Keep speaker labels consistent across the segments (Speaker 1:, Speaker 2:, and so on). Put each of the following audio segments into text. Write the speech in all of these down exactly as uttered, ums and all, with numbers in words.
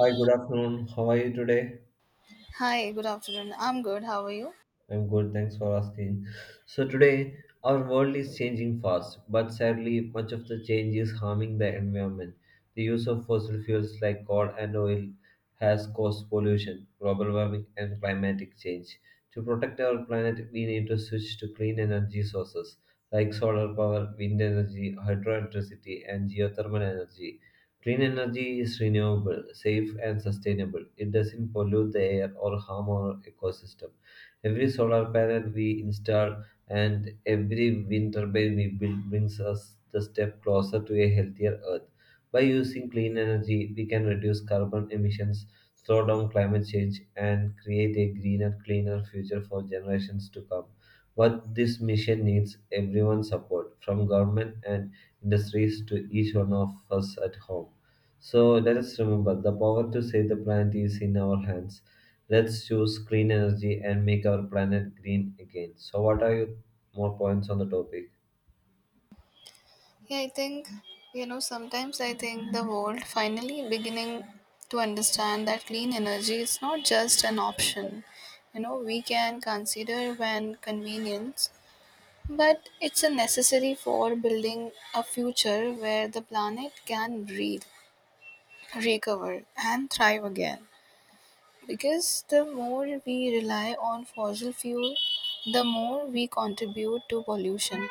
Speaker 1: Hi, good afternoon. How are you today?
Speaker 2: Hi, good afternoon. I'm good. How are you?
Speaker 1: I'm good, thanks for asking. So, today our world is changing fast, but sadly, much of the change is harming the environment. The use of fossil fuels like coal and oil has caused pollution, global warming, and climatic change. To protect our planet, we need to switch to clean energy sources like solar power, wind energy, hydroelectricity, and geothermal energy. Clean energy is renewable, safe, and sustainable. It doesn't pollute the air or harm our ecosystem. Every solar panel we install and every wind turbine we build brings us the step closer to a healthier Earth. By using clean energy, we can reduce carbon emissions, slow down climate change, and create a greener, cleaner future for generations to come. What this mission needs everyone's support, from government and industries to each one of us at home. So let us remember the power to save the planet is in our hands. Let's use clean energy and make our planet green again. So, what are your more points on the topic?
Speaker 2: Yeah, I think, you know, sometimes I think the world finally beginning to understand that clean energy is not just an option. You know, we can consider when convenience, but it's a necessary for building a future where the planet can breathe, recover, and thrive again. Because the more we rely on fossil fuel, the more we contribute to pollution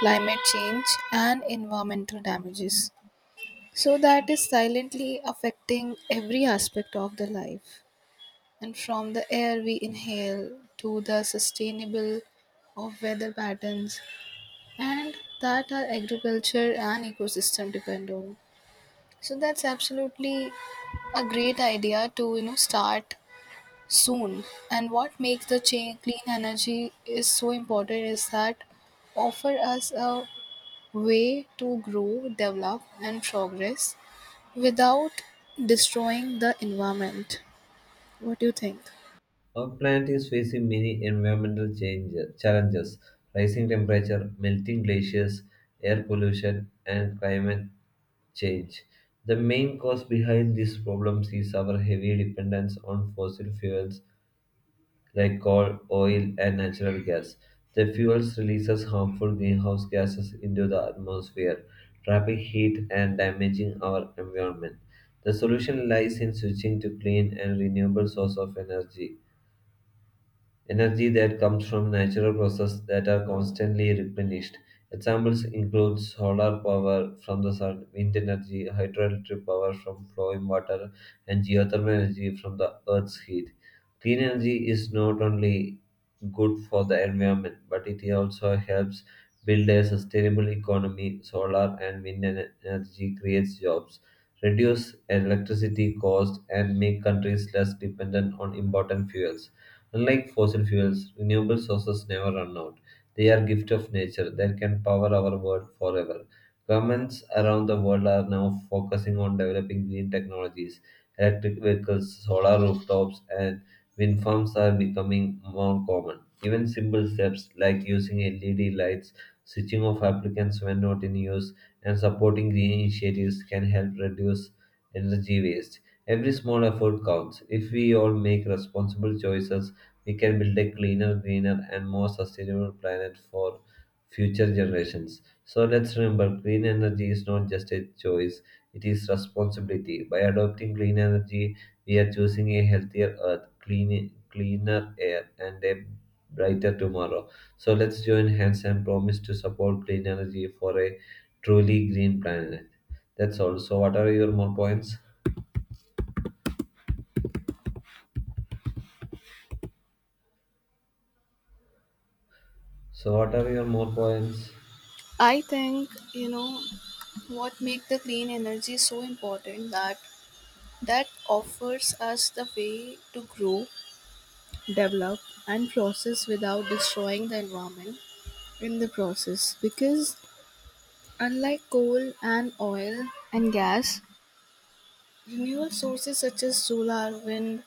Speaker 2: climate change, and environmental damages. So, that is silently affecting every aspect of the life. And from the air we inhale to the sustainable of weather patterns and that our agriculture and ecosystem depend on. So, that's absolutely a great idea to you know start soon, and what makes the cha- clean energy is so important is that offer us a way to grow, develop, and progress without destroying the environment. What do you think?
Speaker 1: Our planet is facing many environmental changes, challenges rising temperature, melting glaciers, air pollution, and climate change. The main cause behind these problems is our heavy dependence on fossil fuels like coal, oil, and natural gas. The fuels releases harmful greenhouse gases into the atmosphere, trapping heat and damaging our environment. The solution lies in switching to clean and renewable source of energy energy that comes from natural processes that are constantly replenished. Examples include solar power from the sun, wind energy, hydroelectric power from flowing water, and geothermal energy from the earth's heat. Clean energy is not only good for the environment, but it also helps build a sustainable economy. Solar and wind ener- energy creates jobs, reduce electricity costs, and make countries less dependent on important fuels. Unlike fossil fuels, renewable sources never run out. They are gift of nature that can power our world forever. Governments around the world are now focusing on developing green technologies. Electric vehicles, solar rooftops, and wind farms are becoming more common. Even simple steps like using L E D lights, switching off applicants when not in use, and supporting green initiatives can help reduce energy waste. Every small effort counts. If we all make responsible choices, we can build a cleaner, greener, and more sustainable planet for future generations. So let's remember green energy is not just a choice, it is responsibility. By adopting clean energy, we are choosing a healthier earth, clean, cleaner air, and a brighter tomorrow. So let's join hands and promise to support clean energy for a truly green planet. That's all. So, what are your more points? So, what are your more points?
Speaker 2: I think you know what make the clean energy so important that that offers us the way to grow, develop and process without destroying the environment in the process, because unlike coal and oil and gas, renewable sources such as solar, wind,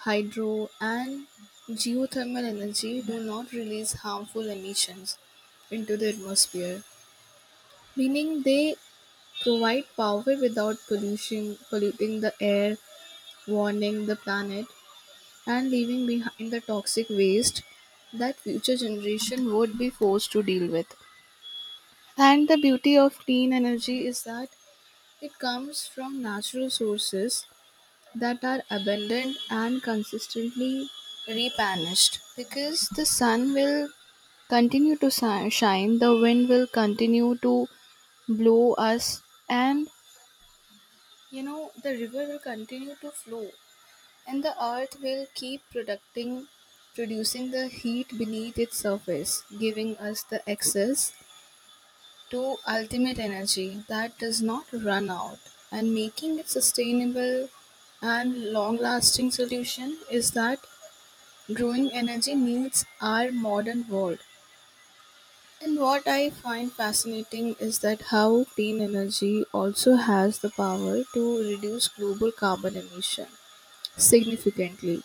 Speaker 2: hydro, and geothermal energy do not release harmful emissions into the atmosphere, meaning they provide power without pollution, polluting the air, warming the planet, and leaving behind the toxic waste that future generation would be forced to deal with. And the beauty of clean energy is that it comes from natural sources that are abundant and consistently replenished, because the sun will continue to si- shine, the wind will continue to blow us, and you know, the river will continue to flow, and the earth will keep producing producing the heat beneath its surface, giving us the excess to ultimate energy that does not run out and making it sustainable and long lasting solution is that growing energy needs our modern world. And what I find fascinating is that how clean energy also has the power to reduce global carbon emission significantly,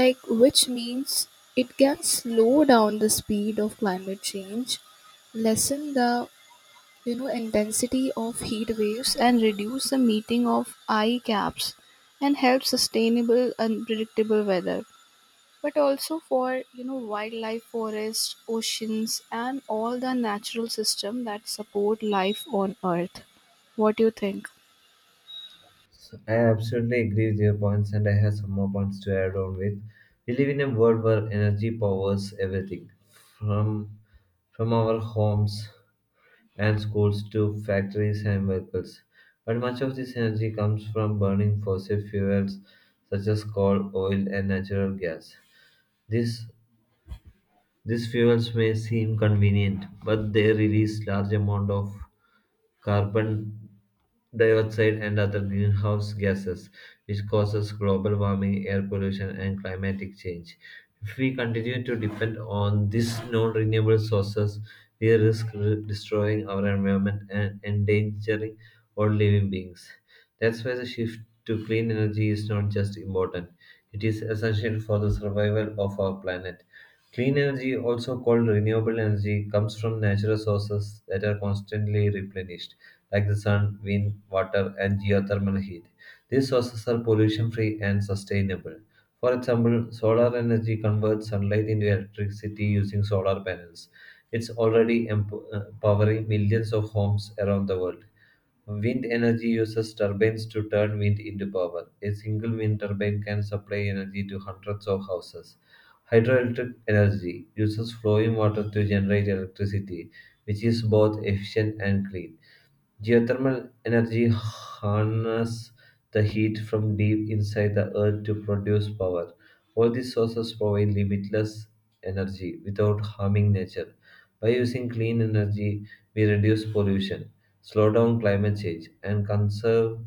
Speaker 2: like which means it can slow down the speed of climate change, lessen the you know intensity of heat waves and reduce the meeting of eye caps and help sustainable unpredictable weather, but also for you know wildlife, forests, oceans, and all the natural system that support life on earth. What do you think?
Speaker 1: So, I absolutely agree with your points, and I have some more points to add on with. We live in a world where energy powers everything, from from our homes and schools to factories and vehicles. But much of this energy comes from burning fossil fuels such as coal, oil, and natural gas. This these fuels may seem convenient, but they release large amount of carbon dioxide and other greenhouse gases, which causes global warming, air pollution, and climatic change. If we continue to depend on these non renewable sources, we risk re- destroying our environment and endangering all living beings. That's why the shift to clean energy is not just important, it is essential for the survival of our planet. Clean energy, also called renewable energy, comes from natural sources that are constantly replenished, like the sun, wind, water, and geothermal heat. These sources are pollution free and sustainable. For example, solar energy converts sunlight into electricity using solar panels. It's already emp- uh, powering millions of homes around the world. Wind energy uses turbines to turn wind into power. A single wind turbine can supply energy to hundreds of houses. Hydroelectric energy uses flowing water to generate electricity, which is both efficient and clean. Geothermal energy harnesses the heat from deep inside the earth to produce power. All these sources provide limitless energy without harming nature. By using clean energy, we reduce pollution, slow down climate change, and conserve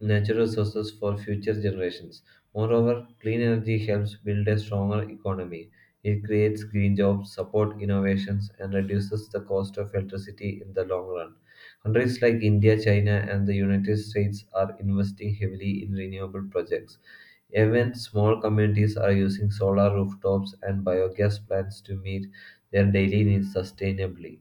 Speaker 1: natural resources for future generations. Moreover, clean energy helps build a stronger economy. It creates green jobs, support innovations, and reduces the cost of electricity in the long run. Countries like India, China, and the United States are investing heavily in renewable projects. Even small communities are using solar rooftops and biogas plants to meet their daily needs sustainably.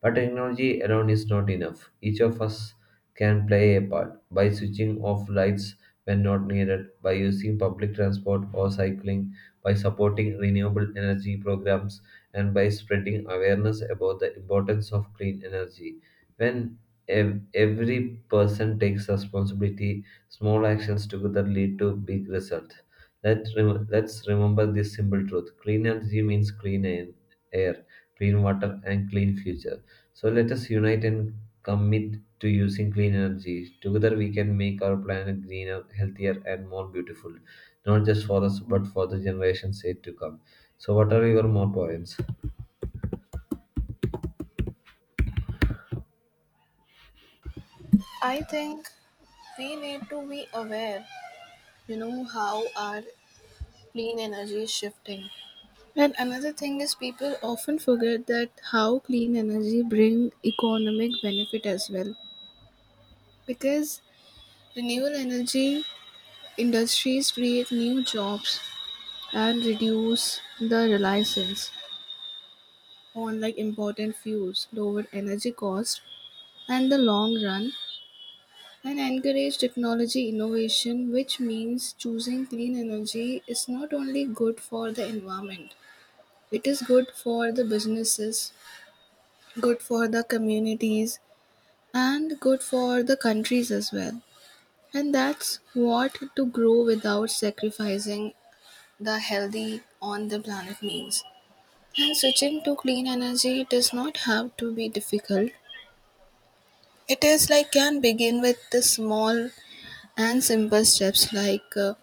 Speaker 1: But technology alone is not enough. Each of us can play a part by switching off lights when not needed, by using public transport or cycling, by supporting renewable energy programs, and by spreading awareness about the importance of clean energy. When ev- every person takes responsibility, small actions together lead to big results. Let rem- let's remember this simple truth: clean energy means clean air, air, clean water, and clean future. So let us unite and commit to using clean energy. Together we can make our planet greener, healthier, and more beautiful, not just for us, but for the generations yet to come. So, what are your more points?
Speaker 2: I think we need to be aware, you know, how our clean energy is shifting. And another thing is people often forget that how clean energy bring economic benefit as well. Because renewable energy industries create new jobs and reduce the reliance on like important fuels, lower energy cost and the long run and encourage technology innovation, which means choosing clean energy is not only good for the environment, it is good for the businesses, good for the communities, and good for the countries as well. And that's what to grow without sacrificing the healthy on the planet means. And switching to clean energy does not have to be difficult. It is like can begin with the small and simple steps like uh,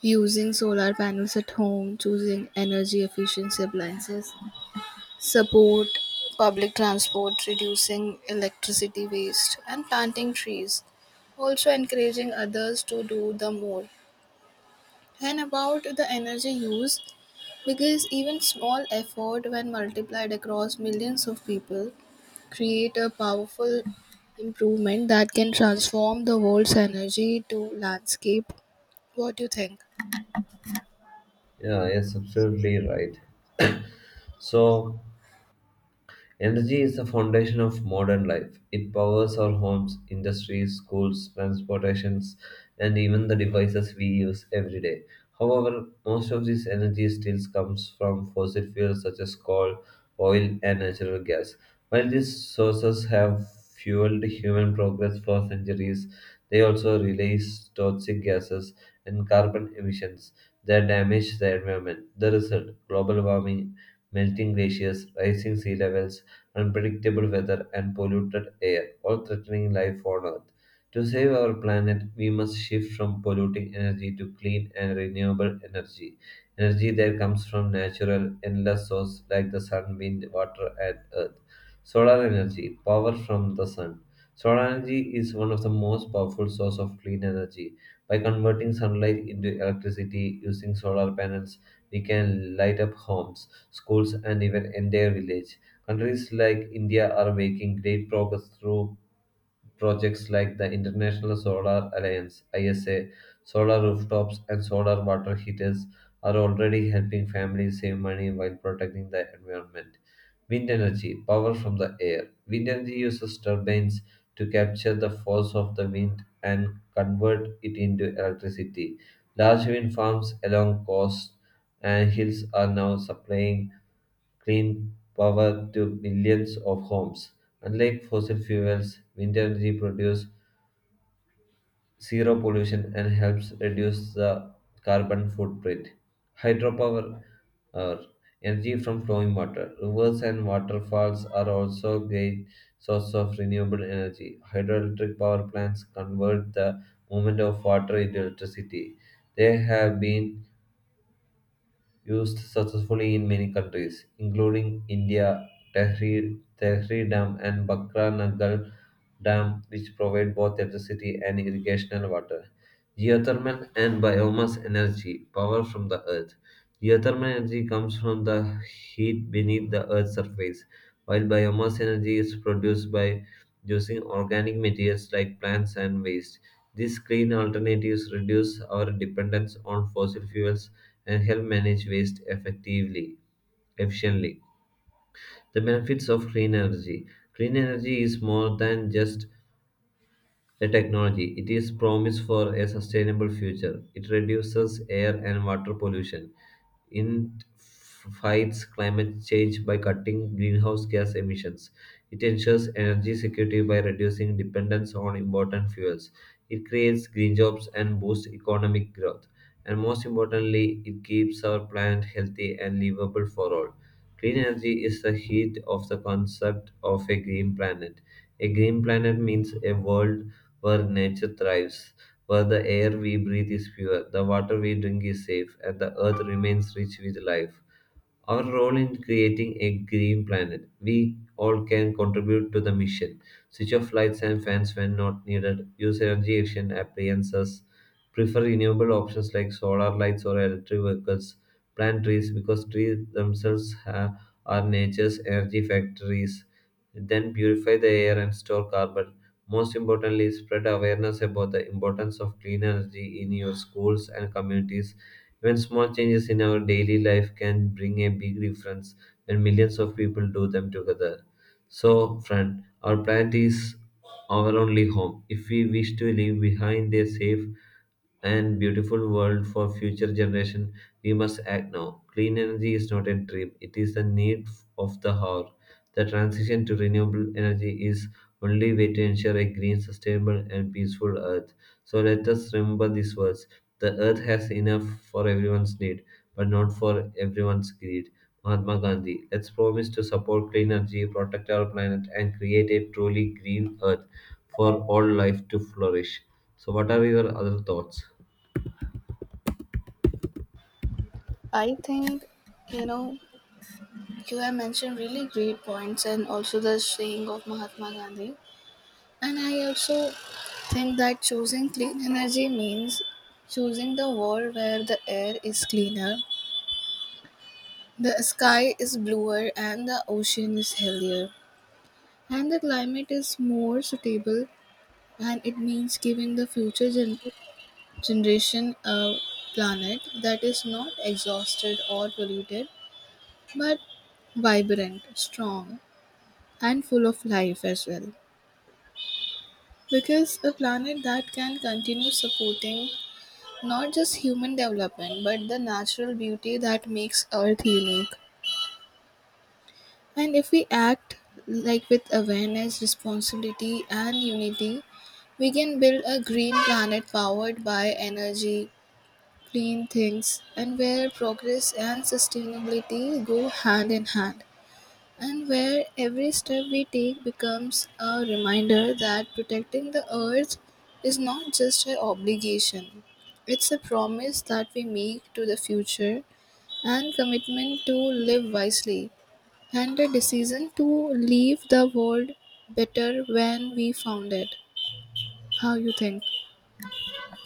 Speaker 2: using solar panels at home, choosing energy efficiency appliances, support public transport, reducing electricity waste, and planting trees. Also, encouraging others to do the more and about the energy use, because even small effort, when multiplied across millions of people, create a powerful improvement that can transform the world's energy to landscape. What do you think?
Speaker 1: Yeah, yes, absolutely right. So, energy is the foundation of modern life. It powers our homes, industries, schools, transportations, and even the devices we use every day. However, most of this energy still comes from fossil fuels such as coal, oil, and natural gas. While these sources have fueled human progress for centuries, they also release toxic gases and carbon emissions that damage the environment. The result global warming, melting glaciers, rising sea levels, unpredictable weather, and polluted air, all threatening life on Earth. To save our planet, we must shift from polluting energy to clean and renewable energy. Energy that comes from natural, endless sources like the sun, wind, water, and earth. Solar energy, power from the sun. Solar energy is one of the most powerful sources of clean energy. By converting sunlight into electricity using solar panels, we can light up homes, schools, and even entire villages. Countries like India are making great progress through projects like the International Solar Alliance (I S A). Solar rooftops and solar water heaters are already helping families save money while protecting the environment. Wind energy, power from the air. Wind energy uses turbines to capture the force of the wind and convert it into electricity. Large wind farms along coasts and hills are now supplying clean power to millions of homes. Unlike fossil fuels, wind energy produces zero pollution and helps reduce the carbon footprint. Hydropower uh, energy from flowing water. Rivers and waterfalls are also great source of renewable energy. Hydroelectric power plants convert the movement of water into electricity. They have been used successfully in many countries, including India, Tehri, Tehri Dam, and Bakra Nagar Dam, which provide both electricity and irrigational water. Geothermal and biomass energy, power from the earth. Geothermal energy comes from the heat beneath the earth's surface, while biomass energy is produced by using organic materials like plants and waste. These clean alternatives reduce our dependence on fossil fuels and help manage waste effectively efficiently. The benefits of clean energy. Clean energy is more than just the technology it is promise for a sustainable future. It reduces air and water pollution. It fights climate change by cutting greenhouse gas emissions. It ensures energy security by reducing dependence on important fuels. It creates green jobs and boosts economic growth. And most importantly, it keeps our planet healthy and livable for all. Clean energy is the heat of the concept of a green planet. A green planet means a world where nature thrives, where the air we breathe is pure, the water we drink is safe, and the earth remains rich with life. Our role in creating a green planet, we all can contribute to the mission. Switch off lights and fans when not needed, use energy efficient appliances. Prefer renewable options like solar lights or electric vehicles. Plant trees because trees themselves ha- are nature's energy factories. Then purify the air and store carbon. Most importantly, spread awareness about the importance of clean energy in your schools and communities. Even small changes in our daily life can bring a big difference when millions of people do them together. So, friend, our planet is our only home. If we wish to leave behind a safe and beautiful world for future generation, we must act now. Clean energy is not a dream; it is the need of the hour. The transition to renewable energy is only way to ensure a green, sustainable, and peaceful Earth. So let us remember these words: the Earth has enough for everyone's need, but not for everyone's greed. Mahatma Gandhi. Let's promise to support clean energy, protect our planet, and create a truly green earth for all life to flourish. So, what are your other thoughts?
Speaker 2: I think you know you have mentioned really great points, and also the saying of Mahatma Gandhi. And I also think that choosing clean energy means choosing the world where the air is cleaner, the sky is bluer and the ocean is healthier and the climate is more suitable, and it means giving the future gen- generation a planet that is not exhausted or polluted but vibrant, strong and full of life as well, because a planet that can continue supporting not just human development but the natural beauty that makes earth unique. And if we act like with awareness, responsibility, and unity, we can build a green planet powered by energy, clean things, and where progress and sustainability go hand in hand. And where every step we take becomes a reminder that protecting the earth is not just an obligation, it's a promise that we make to the future and commitment to live wisely and the decision to leave the world better when we found it. How you think?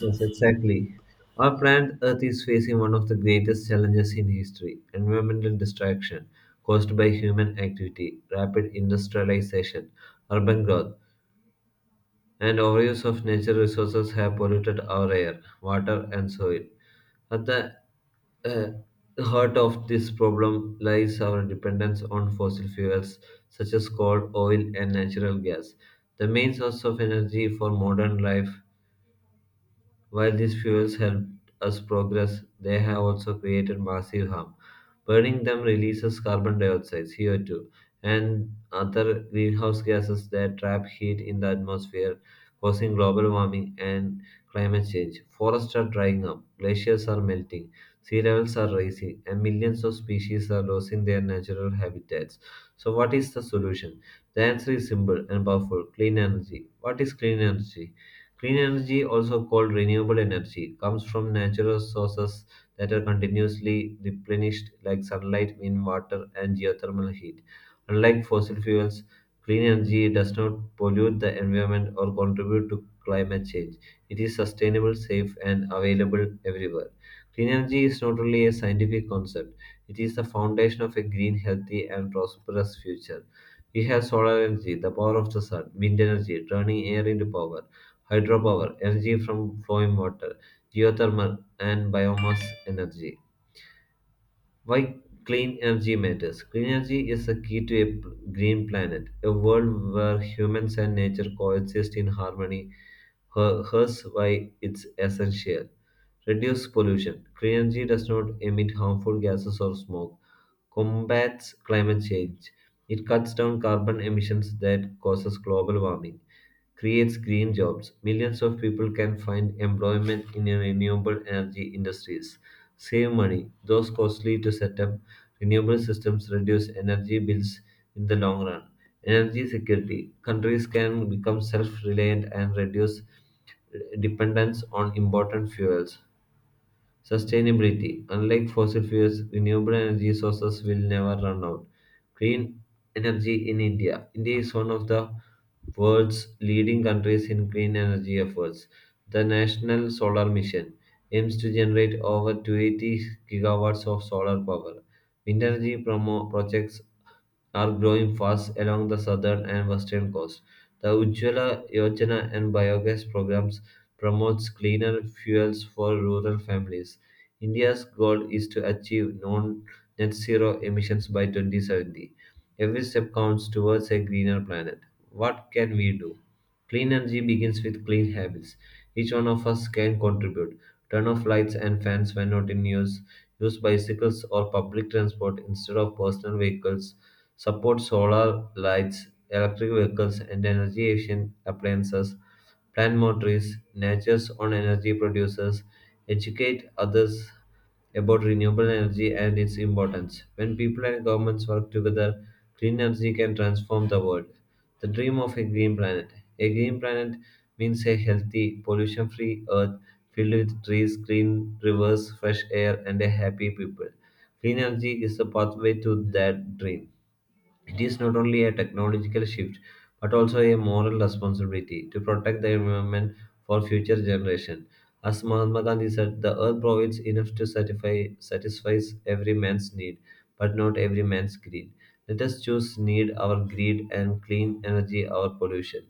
Speaker 1: Yes, exactly. Our planet Earth is facing one of the greatest challenges in history environmental destruction caused by human activity, rapid industrialization, urban growth, and overuse of natural resources have polluted our air, water, and soil. At the uh, heart of this problem lies our dependence on fossil fuels such as coal, oil, and natural gas. The main source of energy for modern life while these fuels helped us progress, they have also created massive harm. Burning them releases carbon dioxide, C O two, and other greenhouse gases that trap heat in the atmosphere, causing global warming and climate change. Forests are drying up, glaciers are melting, sea levels are rising, and millions of species are losing their natural habitats. So, what is the solution? The answer is simple and powerful clean energy. What is clean energy? Clean energy, also called renewable energy, comes from natural sources that are continuously replenished, like sunlight, wind, water, and geothermal heat. Unlike fossil fuels, clean energy does not pollute the environment or contribute to climate change. It is sustainable, safe, and available everywhere. Clean energy is not only a scientific concept, it is the foundation of a green, healthy, and prosperous future. We have solar energy, the power of the sun, wind energy, turning air into power hydropower, energy from flowing water, geothermal, and biomass energy. Why clean energy matters? Clean energy is the key to a p- green planet, a world where humans and nature coexist in harmony. Her- Hence, why it's essential. Reduce pollution. Clean energy does not emit harmful gases or smoke combats climate change. It cuts down carbon emissions that causes global warming, creates green jobs. Millions of people can find employment in renewable energy industries. Save money, those costly to set up. Renewable systems reduce energy bills in the long run. Energy security. Countries can become self-reliant and reduce dependence on important fuels. Sustainability. Unlike fossil fuels, renewable energy sources will never run out. Green energy in India. India is one of the world's leading countries in green energy efforts. The National Solar Mission aims to generate over two hundred eighty gigawatts of solar power. Wind energy promo projects are growing fast along the southern and western coast. The Ujjwala Yojana and biogas programs promotes cleaner fuels for rural families. India's goal is to achieve non net zero emissions by twenty seventy. Every step counts towards a greener planet. What can we do? Clean energy begins with clean habits. Each one of us can contribute. Turn off lights and fans when not in use. Use bicycles or public transport instead of personal vehicles. Support solar lights, electric vehicles, and energy efficient appliances. Plant more trees. Nature's own energy producers. Educate others about renewable energy and its importance. When people and governments work together, clean energy can transform the world. The dream of a green planet. A green planet means a healthy, pollution free earth filled with trees, green rivers, fresh air, and a happy people. Clean energy is the pathway to that dream. It is not only a technological shift, but also a moral responsibility to protect the environment for future generations. As Mahatma Gandhi said, the earth provides enough to satisfy satisfies every man's need, but not every man's greed. Let us choose need our greed and clean energy our pollution.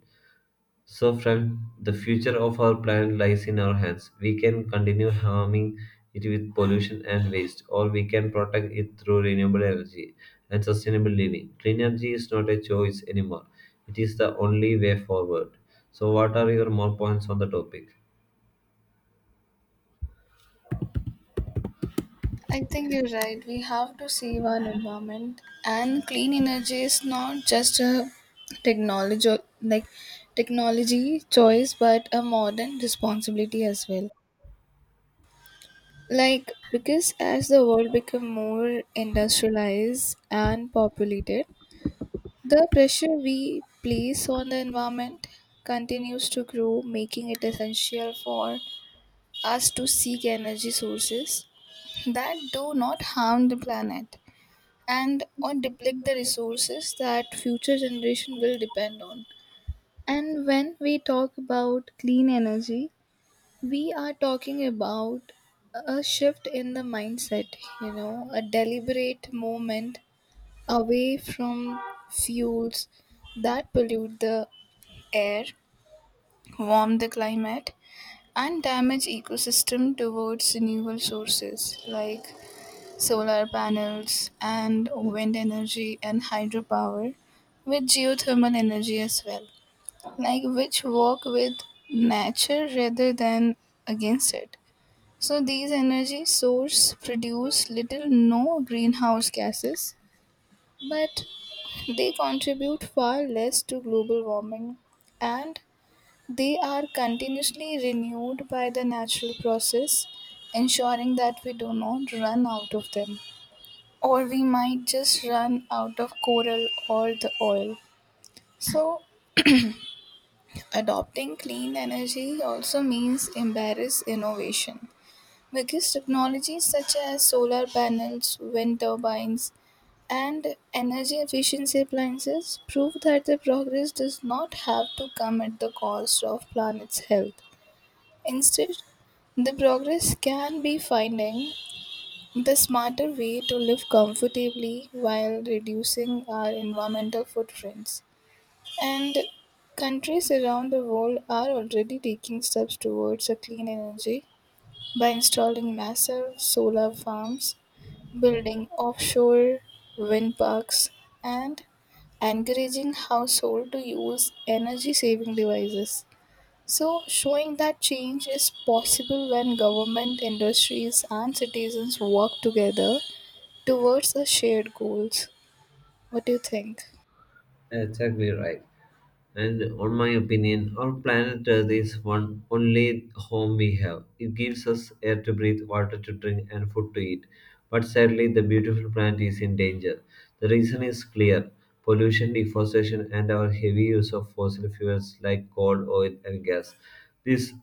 Speaker 1: So, friend, the future of our planet lies in our hands. We can continue harming it with pollution and waste, or we can protect it through renewable energy and sustainable living. Clean energy is not a choice anymore, it is the only way forward. So, what are your more points on the topic?
Speaker 2: I think you're right. We have to save our environment, and clean energy is not just a technology like technology choice, but a modern responsibility as well. Like because as the world become more industrialized and populated, the pressure we place on the environment continues to grow, making it essential for us to seek energy sources that do not harm the planet and or deplete the resources that future generation will depend on. And when we talk about clean energy, we are talking about a shift in the mindset, you know, a deliberate movement away from fuels that pollute the air, warm the climate, and damage ecosystem towards renewable sources like solar panels and wind energy and hydropower with geothermal energy as well, like which work with nature rather than against it. So these energy source produce little no greenhouse gases, but they contribute far less to global warming, and they are continuously renewed by the natural process, ensuring that we do not run out of them, or we might just run out of coral or the oil. So, adopting clean energy also means embrace innovation, because technologies such as solar panels, wind turbines, and energy efficiency appliances prove that the progress does not have to come at the cost of planet's health. Instead, the progress can be finding the smarter way to live comfortably while reducing our environmental footprints. And countries around the world are already taking steps towards a clean energy by installing massive solar farms, building offshore wind parks, and encouraging household to use energy saving devices, so showing that change is possible when government industries and citizens work together towards the shared goals. What do you think?
Speaker 1: Exactly right. And on my opinion, our planet Earth is one only home we have. It gives us air to breathe, water to drink, and food to eat. But sadly, the beautiful planet is in danger. The reason is clear: pollution, deforestation, and our heavy use of fossil fuels like coal, oil, and gas. These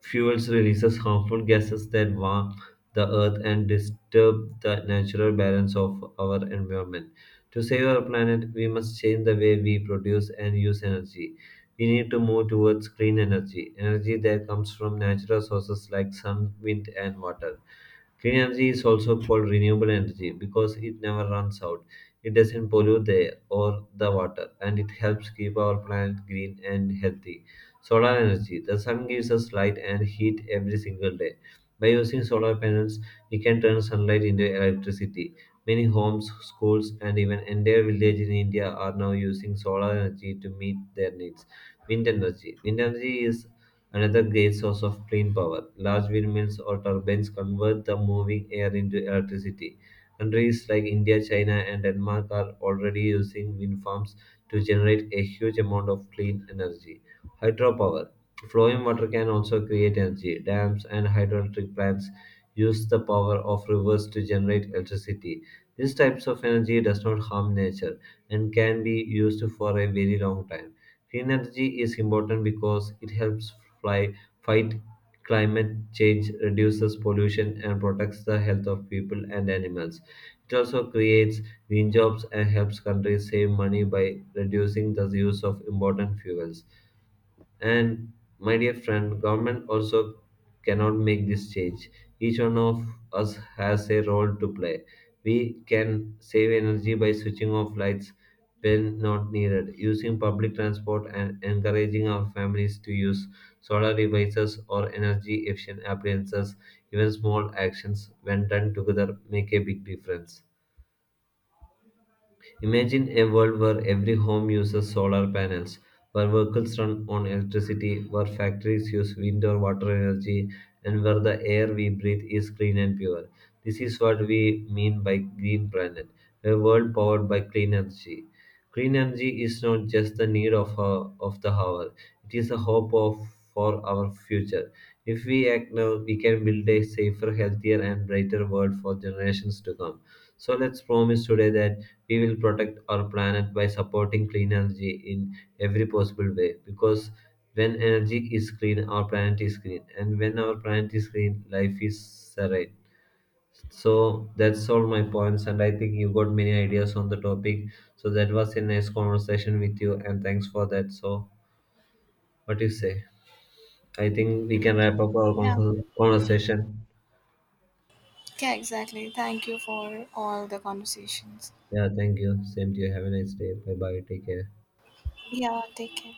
Speaker 1: fuels releases harmful gases that warm the earth and disturb the natural balance of our environment. To save our planet, we must change the way we produce and use energy. We need to move towards clean energy, energy that comes from natural sources like sun, wind, and water. Clean energy is also called renewable energy because it never runs out. It doesn't pollute the air or the water, and it helps keep our planet green and healthy. Solar energy. The sun gives us light and heat every single day. By using solar panels, we can turn sunlight into electricity. Many homes, schools, and even entire villages in India are now using solar energy to meet their needs. Wind energy. Wind energy is another great source of clean power. Large windmills or turbines convert the moving air into electricity. Countries like India, China, and Denmark are already using wind farms to generate a huge amount of clean energy. Hydropower. Flowing water can also create energy. Dams and hydroelectric plants use the power of rivers to generate electricity. These types of energy does not harm nature and can be used for a very long time. Clean energy is important because it helps fly, fight climate change, reduces pollution, and protects the health of people and animals. It also creates green jobs and helps countries save money by reducing the use of important fuels. And my dear friend, government also cannot make this change. Each one of us has a role to play. We can save energy by switching off lights when not needed, using public transport and encouraging our families to use solar devices or energy efficient appliances. Even small actions when done together make a big difference. Imagine a world where every home uses solar panels, where vehicles run on electricity, where factories use wind or water energy, and where the air we breathe is clean and pure. This is what we mean by green planet, a world powered by clean energy. Clean energy is not just the need of, our, of the hour, it is the hope of for our future. If we act now, we can build a safer, healthier, and brighter world for generations to come. So let's promise today that we will protect our planet by supporting clean energy in every possible way. Because when energy is clean, our planet is green, and when our planet is green, life is serene. So that's all my points, and I think you got many ideas on the topic. So that was a nice conversation with you, and thanks for that. So, what do you say? I think we can wrap up our
Speaker 2: Yeah.
Speaker 1: conver- conversation.
Speaker 2: Yeah, exactly. Thank you for all the conversations.
Speaker 1: Yeah, thank you. Same to you. Have a nice day. Bye bye. Take care.
Speaker 2: Yeah, take care.